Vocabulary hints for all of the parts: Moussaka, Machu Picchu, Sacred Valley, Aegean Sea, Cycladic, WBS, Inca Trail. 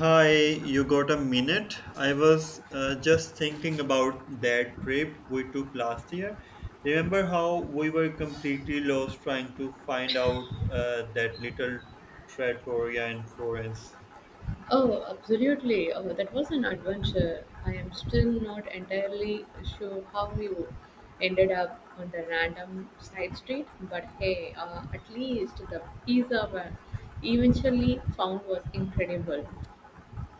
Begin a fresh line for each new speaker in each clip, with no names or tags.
Hi, you got a minute? I was just thinking about that trip we took last year. Remember how we were completely lost trying to find out that little trattoria in Florence?
Oh, absolutely. Oh, that was an adventure. I am still not entirely sure how we ended up on the random side street, but hey, at least the pizza we eventually found was incredible.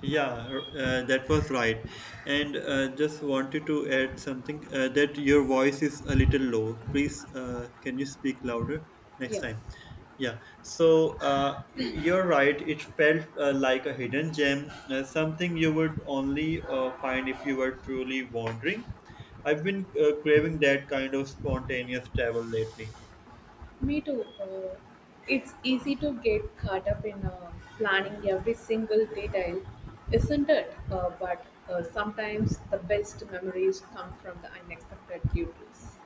Yeah, that was right. And just wanted to add something that your voice is a little low. Please, can you speak louder next
Yeah,
time? Yeah, so you're right. It felt like a hidden gem, something you would only find if you were truly wandering. I've been craving that kind of spontaneous travel lately.
me too. It's easy to get caught up in planning every single detail, isn't it? But sometimes the best memories come from the unexpected duties.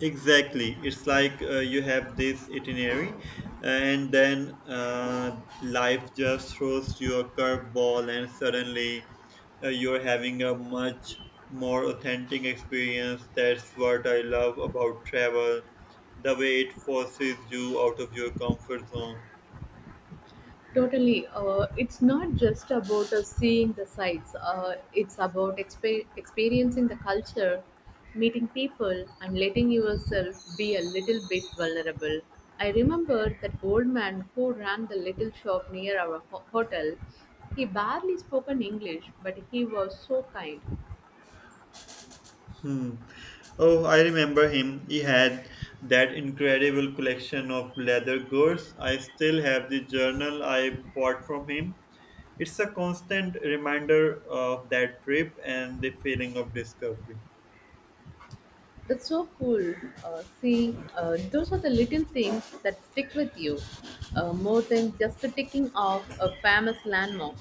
Exactly. It's like you have this itinerary, and then life just throws you a curveball, and suddenly you're having a much more authentic experience. That's what I love about travel, the way it forces you out of your comfort zone.
Totally. It's not just about seeing the sights, it's about experiencing the culture, meeting people, and letting yourself be a little bit vulnerable. I remember that old man who ran the little shop near our hotel. He barely spoke an English, but he was so kind.
Hmm. Oh, I remember him. He had that incredible collection of leather goods. I still have the journal I bought from him. It's a constant reminder of that trip and the feeling of discovery.
That's so cool. See, those are the little things that stick with you more than just ticking off a famous landmark.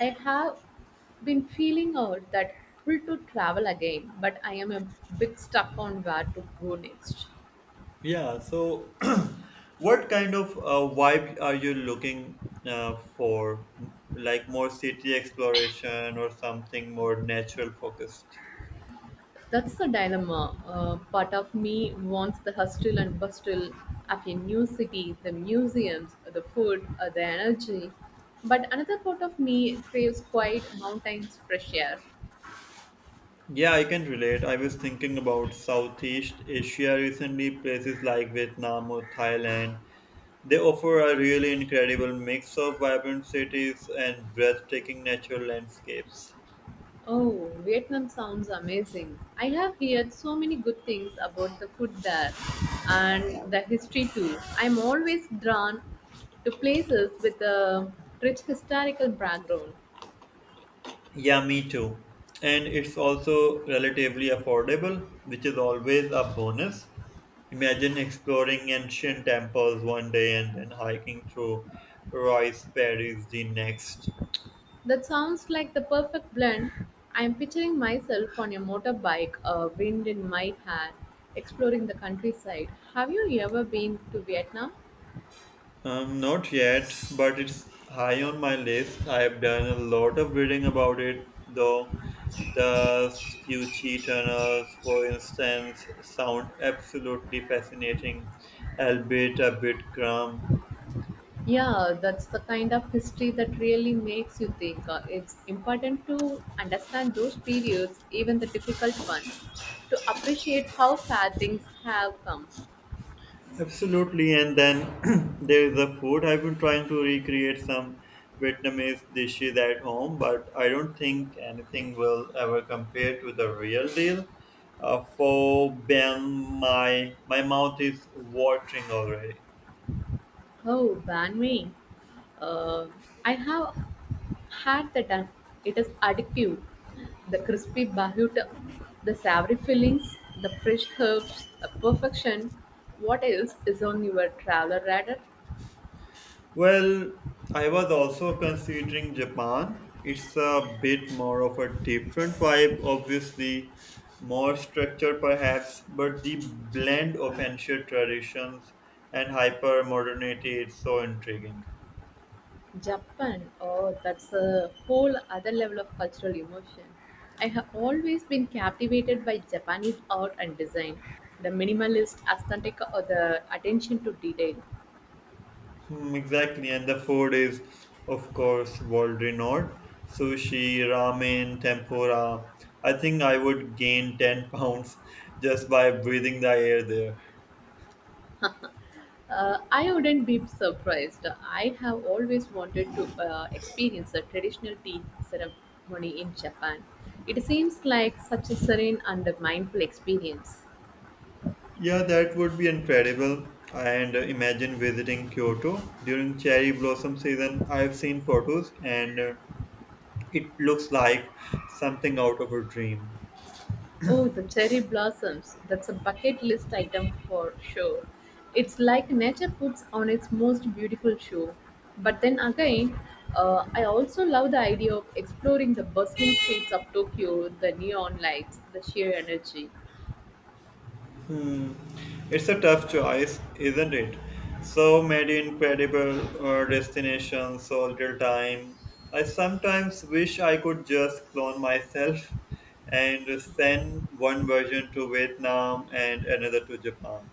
I have been feeling out that pull to travel again, but I am a bit stuck on where to go next.
Yeah, so what kind of vibe are you looking for? Like more city exploration or something more natural focused?
That's the dilemma. Part of me wants the hustle and bustle of a new city, the museums, the food, the energy, but another part of me craves quiet mountains, fresh air.
Yeah, I can relate. I was thinking about Southeast Asia recently, places like Vietnam or Thailand. They offer a really incredible mix of vibrant cities and breathtaking natural landscapes.
Oh, Vietnam sounds amazing. I have heard so many good things about the food there and the history too. I'm always drawn to places with a rich historical background.
Yeah, me too. And it's also relatively affordable, which is always a bonus. Imagine exploring ancient temples one day and then hiking through Royce Paris the next.
That sounds like the perfect blend. I'm picturing myself on a motorbike, a wind in my hair, exploring the countryside. Have you ever been to Vietnam?
Not yet, but it's high on my list. I have done a lot of reading about it, though. The Scucci tunnels, for instance, sound absolutely fascinating, albeit a bit grim.
Yeah, that's the kind of history that really makes you think. It's important to understand those periods, even the difficult ones, to appreciate how far things have come.
Absolutely, and then there is the food. I've been trying to recreate some Vietnamese dishes at home, but I don't think anything will ever compare to the real deal. For Ben, my mouth is watering already.
Oh, ban me. Uh, I have had that. It is addictive. The crispy bahuta, the savory fillings, the fresh herbs, the perfection. What else is on your traveler radar?
Well, I was also considering Japan. It's a bit more of a different vibe, obviously, more structure perhaps, but the blend of ancient traditions and hyper modernity is so intriguing.
Japan, oh, that's a whole other level of cultural emotion. I have always been captivated by Japanese art and design, the minimalist aesthetic or the attention to detail.
Hmm, exactly, and the food is, of course, world renowned. Sushi, ramen, tempura. I think I would gain 10 pounds just by breathing the air there.
I wouldn't be surprised. I have always wanted to experience a traditional tea ceremony in Japan. It seems like such a serene and mindful experience.
Yeah, that would be incredible. And imagine visiting Kyoto during cherry blossom season. I've seen photos and it looks like something out of a dream.
Oh, the cherry blossoms. That's a bucket list item for sure. It's like nature puts on its most beautiful show. But then again, I also love the idea of exploring the bustling streets of Tokyo, the neon lights, the sheer energy.
It's a tough choice, isn't it? So many incredible destinations, so little time. I sometimes wish I could just clone myself and send one version to Vietnam and another to Japan.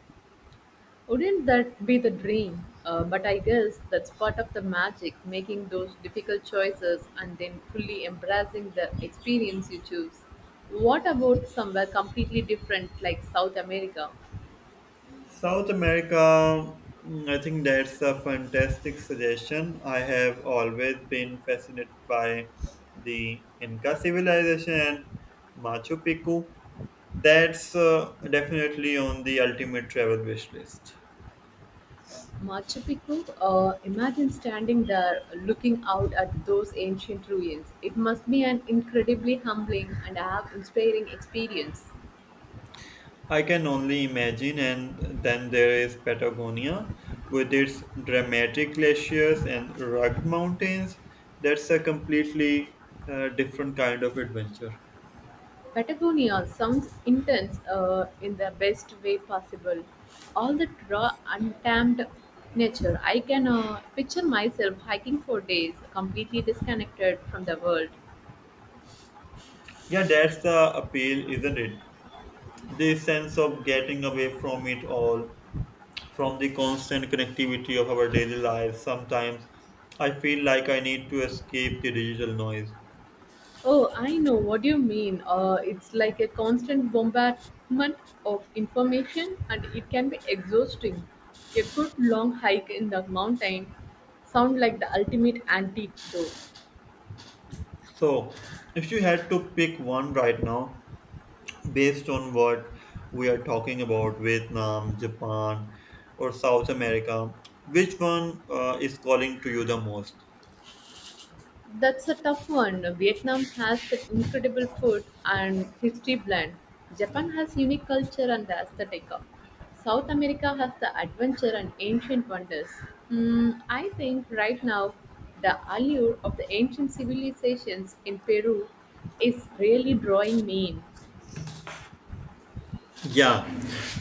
Wouldn't that be the dream? But I guess that's part of the magic, making those difficult choices and then fully embracing the experience you choose. What about somewhere completely different like South America?
South America, mm, I think that's a fantastic suggestion. I have always been fascinated by the Inca civilization and Machu Picchu. That's definitely on the ultimate travel wish list.
Machu Picchu? Imagine standing there looking out at those ancient ruins. It must be an incredibly humbling and awe inspiring experience.
I can only imagine, and then there is Patagonia with its dramatic glaciers and rugged mountains. That's a completely different kind of adventure.
Patagonia sounds intense in the best way possible. All that raw, untamed nature. I can picture myself hiking for days, completely disconnected from the world.
Yeah, that's the appeal, isn't it? This sense of getting away from it all, from the constant connectivity of our daily lives, sometimes I feel like I need to escape the digital noise.
Oh, I know what you mean. It's like a constant bombardment of information and it can be exhausting. A good long hike in the mountain sounds like the ultimate antidote.
So, if you had to pick one right now, based on what we are talking about, Vietnam, Japan, or South America, which one is calling to you the most?
That's a tough one. Vietnam has that incredible food and history blend. Japan has unique culture and aesthetic. South America has the adventure and ancient wonders. Hmm, I think right now the allure of the ancient civilizations in Peru is really drawing me in.
Yeah,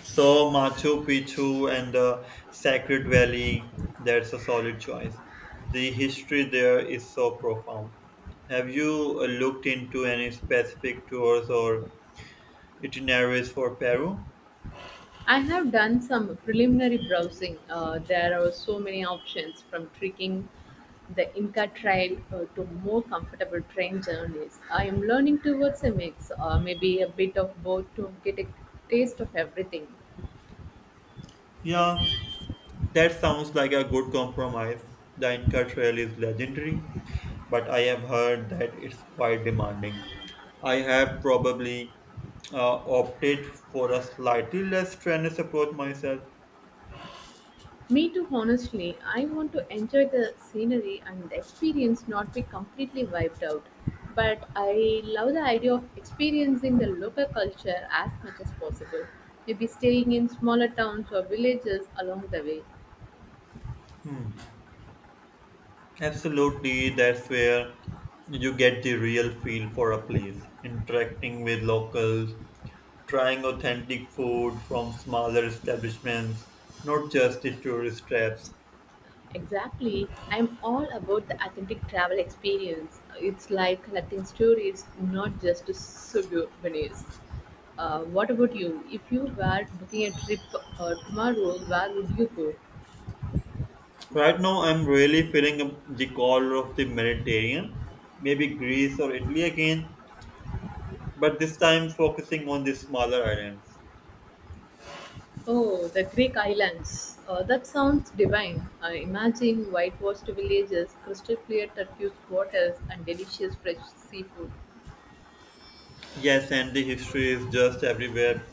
so Machu Picchu and the Sacred Valley, that's a solid choice. The history there is so profound. Have you looked into any specific tours or itineraries for Peru?
I have done some preliminary browsing. There are so many options, from trekking the Inca Trail to more comfortable train journeys. I am learning towards a mix, maybe a bit of both to get a taste of everything.
Yeah, that sounds like a good compromise. The Inca Trail is legendary, but I have heard that it's quite demanding. I have probably opted for a slightly less strenuous approach myself.
Me too, honestly. I want to enjoy the scenery and the experience, not be completely wiped out. But I love the idea of experiencing the local culture as much as possible, maybe staying in smaller towns or villages along the way.
Absolutely, that's where you get the real feel for a place, interacting with locals, trying authentic food from smaller establishments, not just the tourist traps.
Exactly. I'm all about the authentic travel experience. It's like collecting stories, not just souvenirs. What about you? If you were booking a trip tomorrow, where would you go?
Right now, I'm really feeling the call of the Mediterranean, maybe Greece or Italy again, but this time focusing on the smaller islands.
Oh, the Greek islands. That sounds divine. Imagine whitewashed villages, crystal clear turquoise waters, and delicious fresh seafood.
Yes, and the history is just everywhere,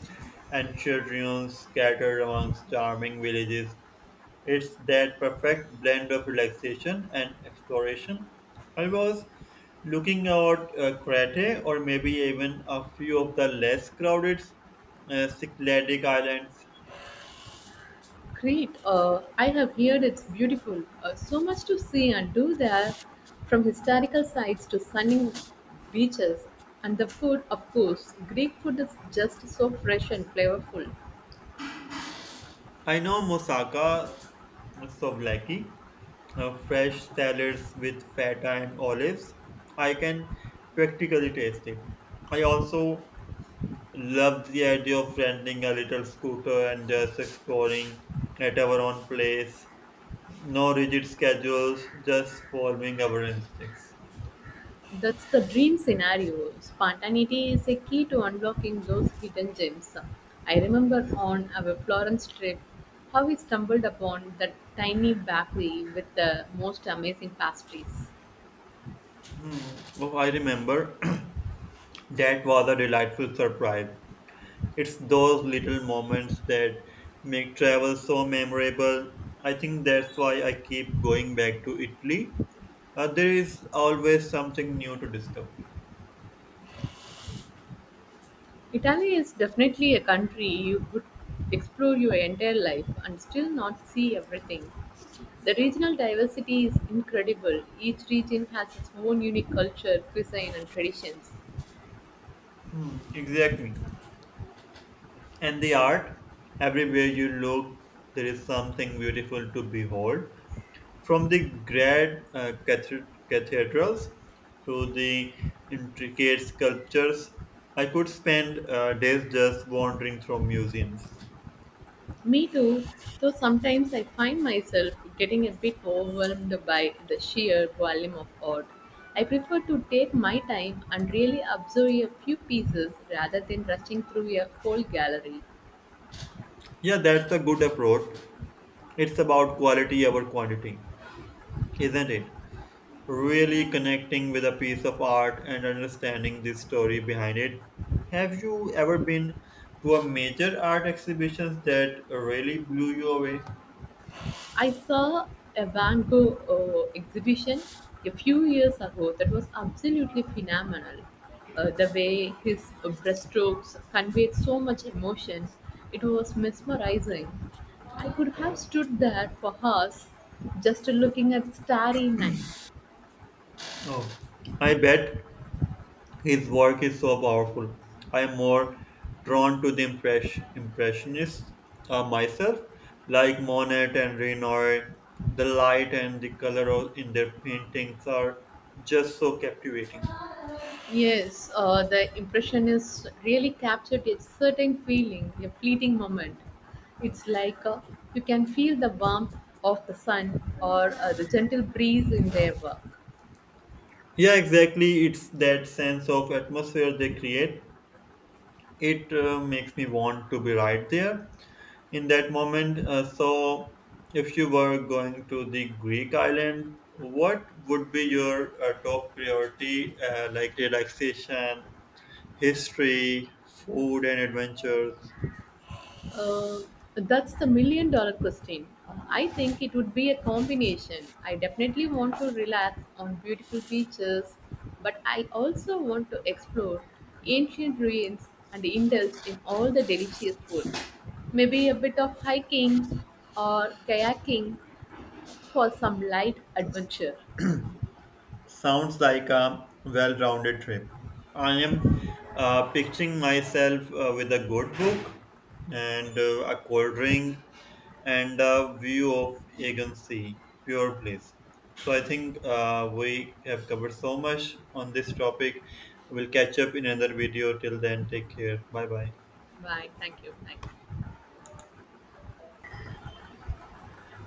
and children scattered amongst charming villages. It's that perfect blend of relaxation and exploration. I was looking out Crete or maybe even a few of the less crowded Cycladic islands.
Crete, I have heard it's beautiful. So much to see and do there, from historical sites to stunning beaches. And the food, of course, Greek food is just so fresh and flavorful.
I know Moussaka, souvlaki, fresh salads with feta and olives. I can practically taste it. I also love the idea of renting a little scooter and just exploring at our own place. No rigid schedules, just following our instincts.
That's the dream scenario. Spontaneity is a key to unlocking those hidden gems. I remember on our Florence trip how we stumbled upon that tiny bakery with the most amazing pastries.
Oh, I remember that was a delightful surprise. It's those little moments that make travel so memorable. I think that's why I keep going back to Italy. There is always something new to discover.
Italy is definitely a country you could explore your entire life and still not see everything. The regional diversity is incredible. Each region has its own unique culture, cuisine, and traditions.
Hmm, exactly. And the art, everywhere you look, there is something beautiful to behold. From the grand cathedrals to the intricate sculptures, I could spend days just wandering through museums.
Me too, though sometimes I find myself getting a bit overwhelmed by the sheer volume of art. I prefer to take my time and really observe a few pieces rather than rushing through a whole gallery.
Yeah, that's a good approach. It's about quality over quantity, isn't it? Really connecting with a piece of art and understanding the story behind it. Have you ever been to a major art exhibition that really blew you away?
I saw a Van Gogh exhibition a few years ago that was absolutely phenomenal. The way his brushstrokes conveyed so much emotion, it was mesmerizing. I could have stood there for hours just looking at starry night.
Oh, I bet his work is so powerful. I am more drawn to the impressionists myself, like Monet and Renoir. The light and the color of, in their paintings are just so captivating.
Yes, the impressionist really captured a certain feeling, a fleeting moment. It's like you can feel the warmth of the sun or the gentle breeze in their work.
Yeah, exactly. It's that sense of atmosphere they create. It makes me want to be right there in that moment. So, if you were going to the Greek island, what would be your top priority, like relaxation, history, food, and adventures?
Uh, that's the million dollar question. I think it would be a combination. I definitely want to relax on beautiful beaches, but I also want to explore ancient ruins and indulge in all the delicious food. Maybe a bit of hiking or kayaking for some light adventure.
Sounds like a well rounded trip. I am picturing myself with a good book and a cold drink and a view of Aegean Sea, pure bliss. So I think we have covered so much on this topic. We'll catch up in another video. Till then, take care. Bye bye.
Bye. Thank you. Bye.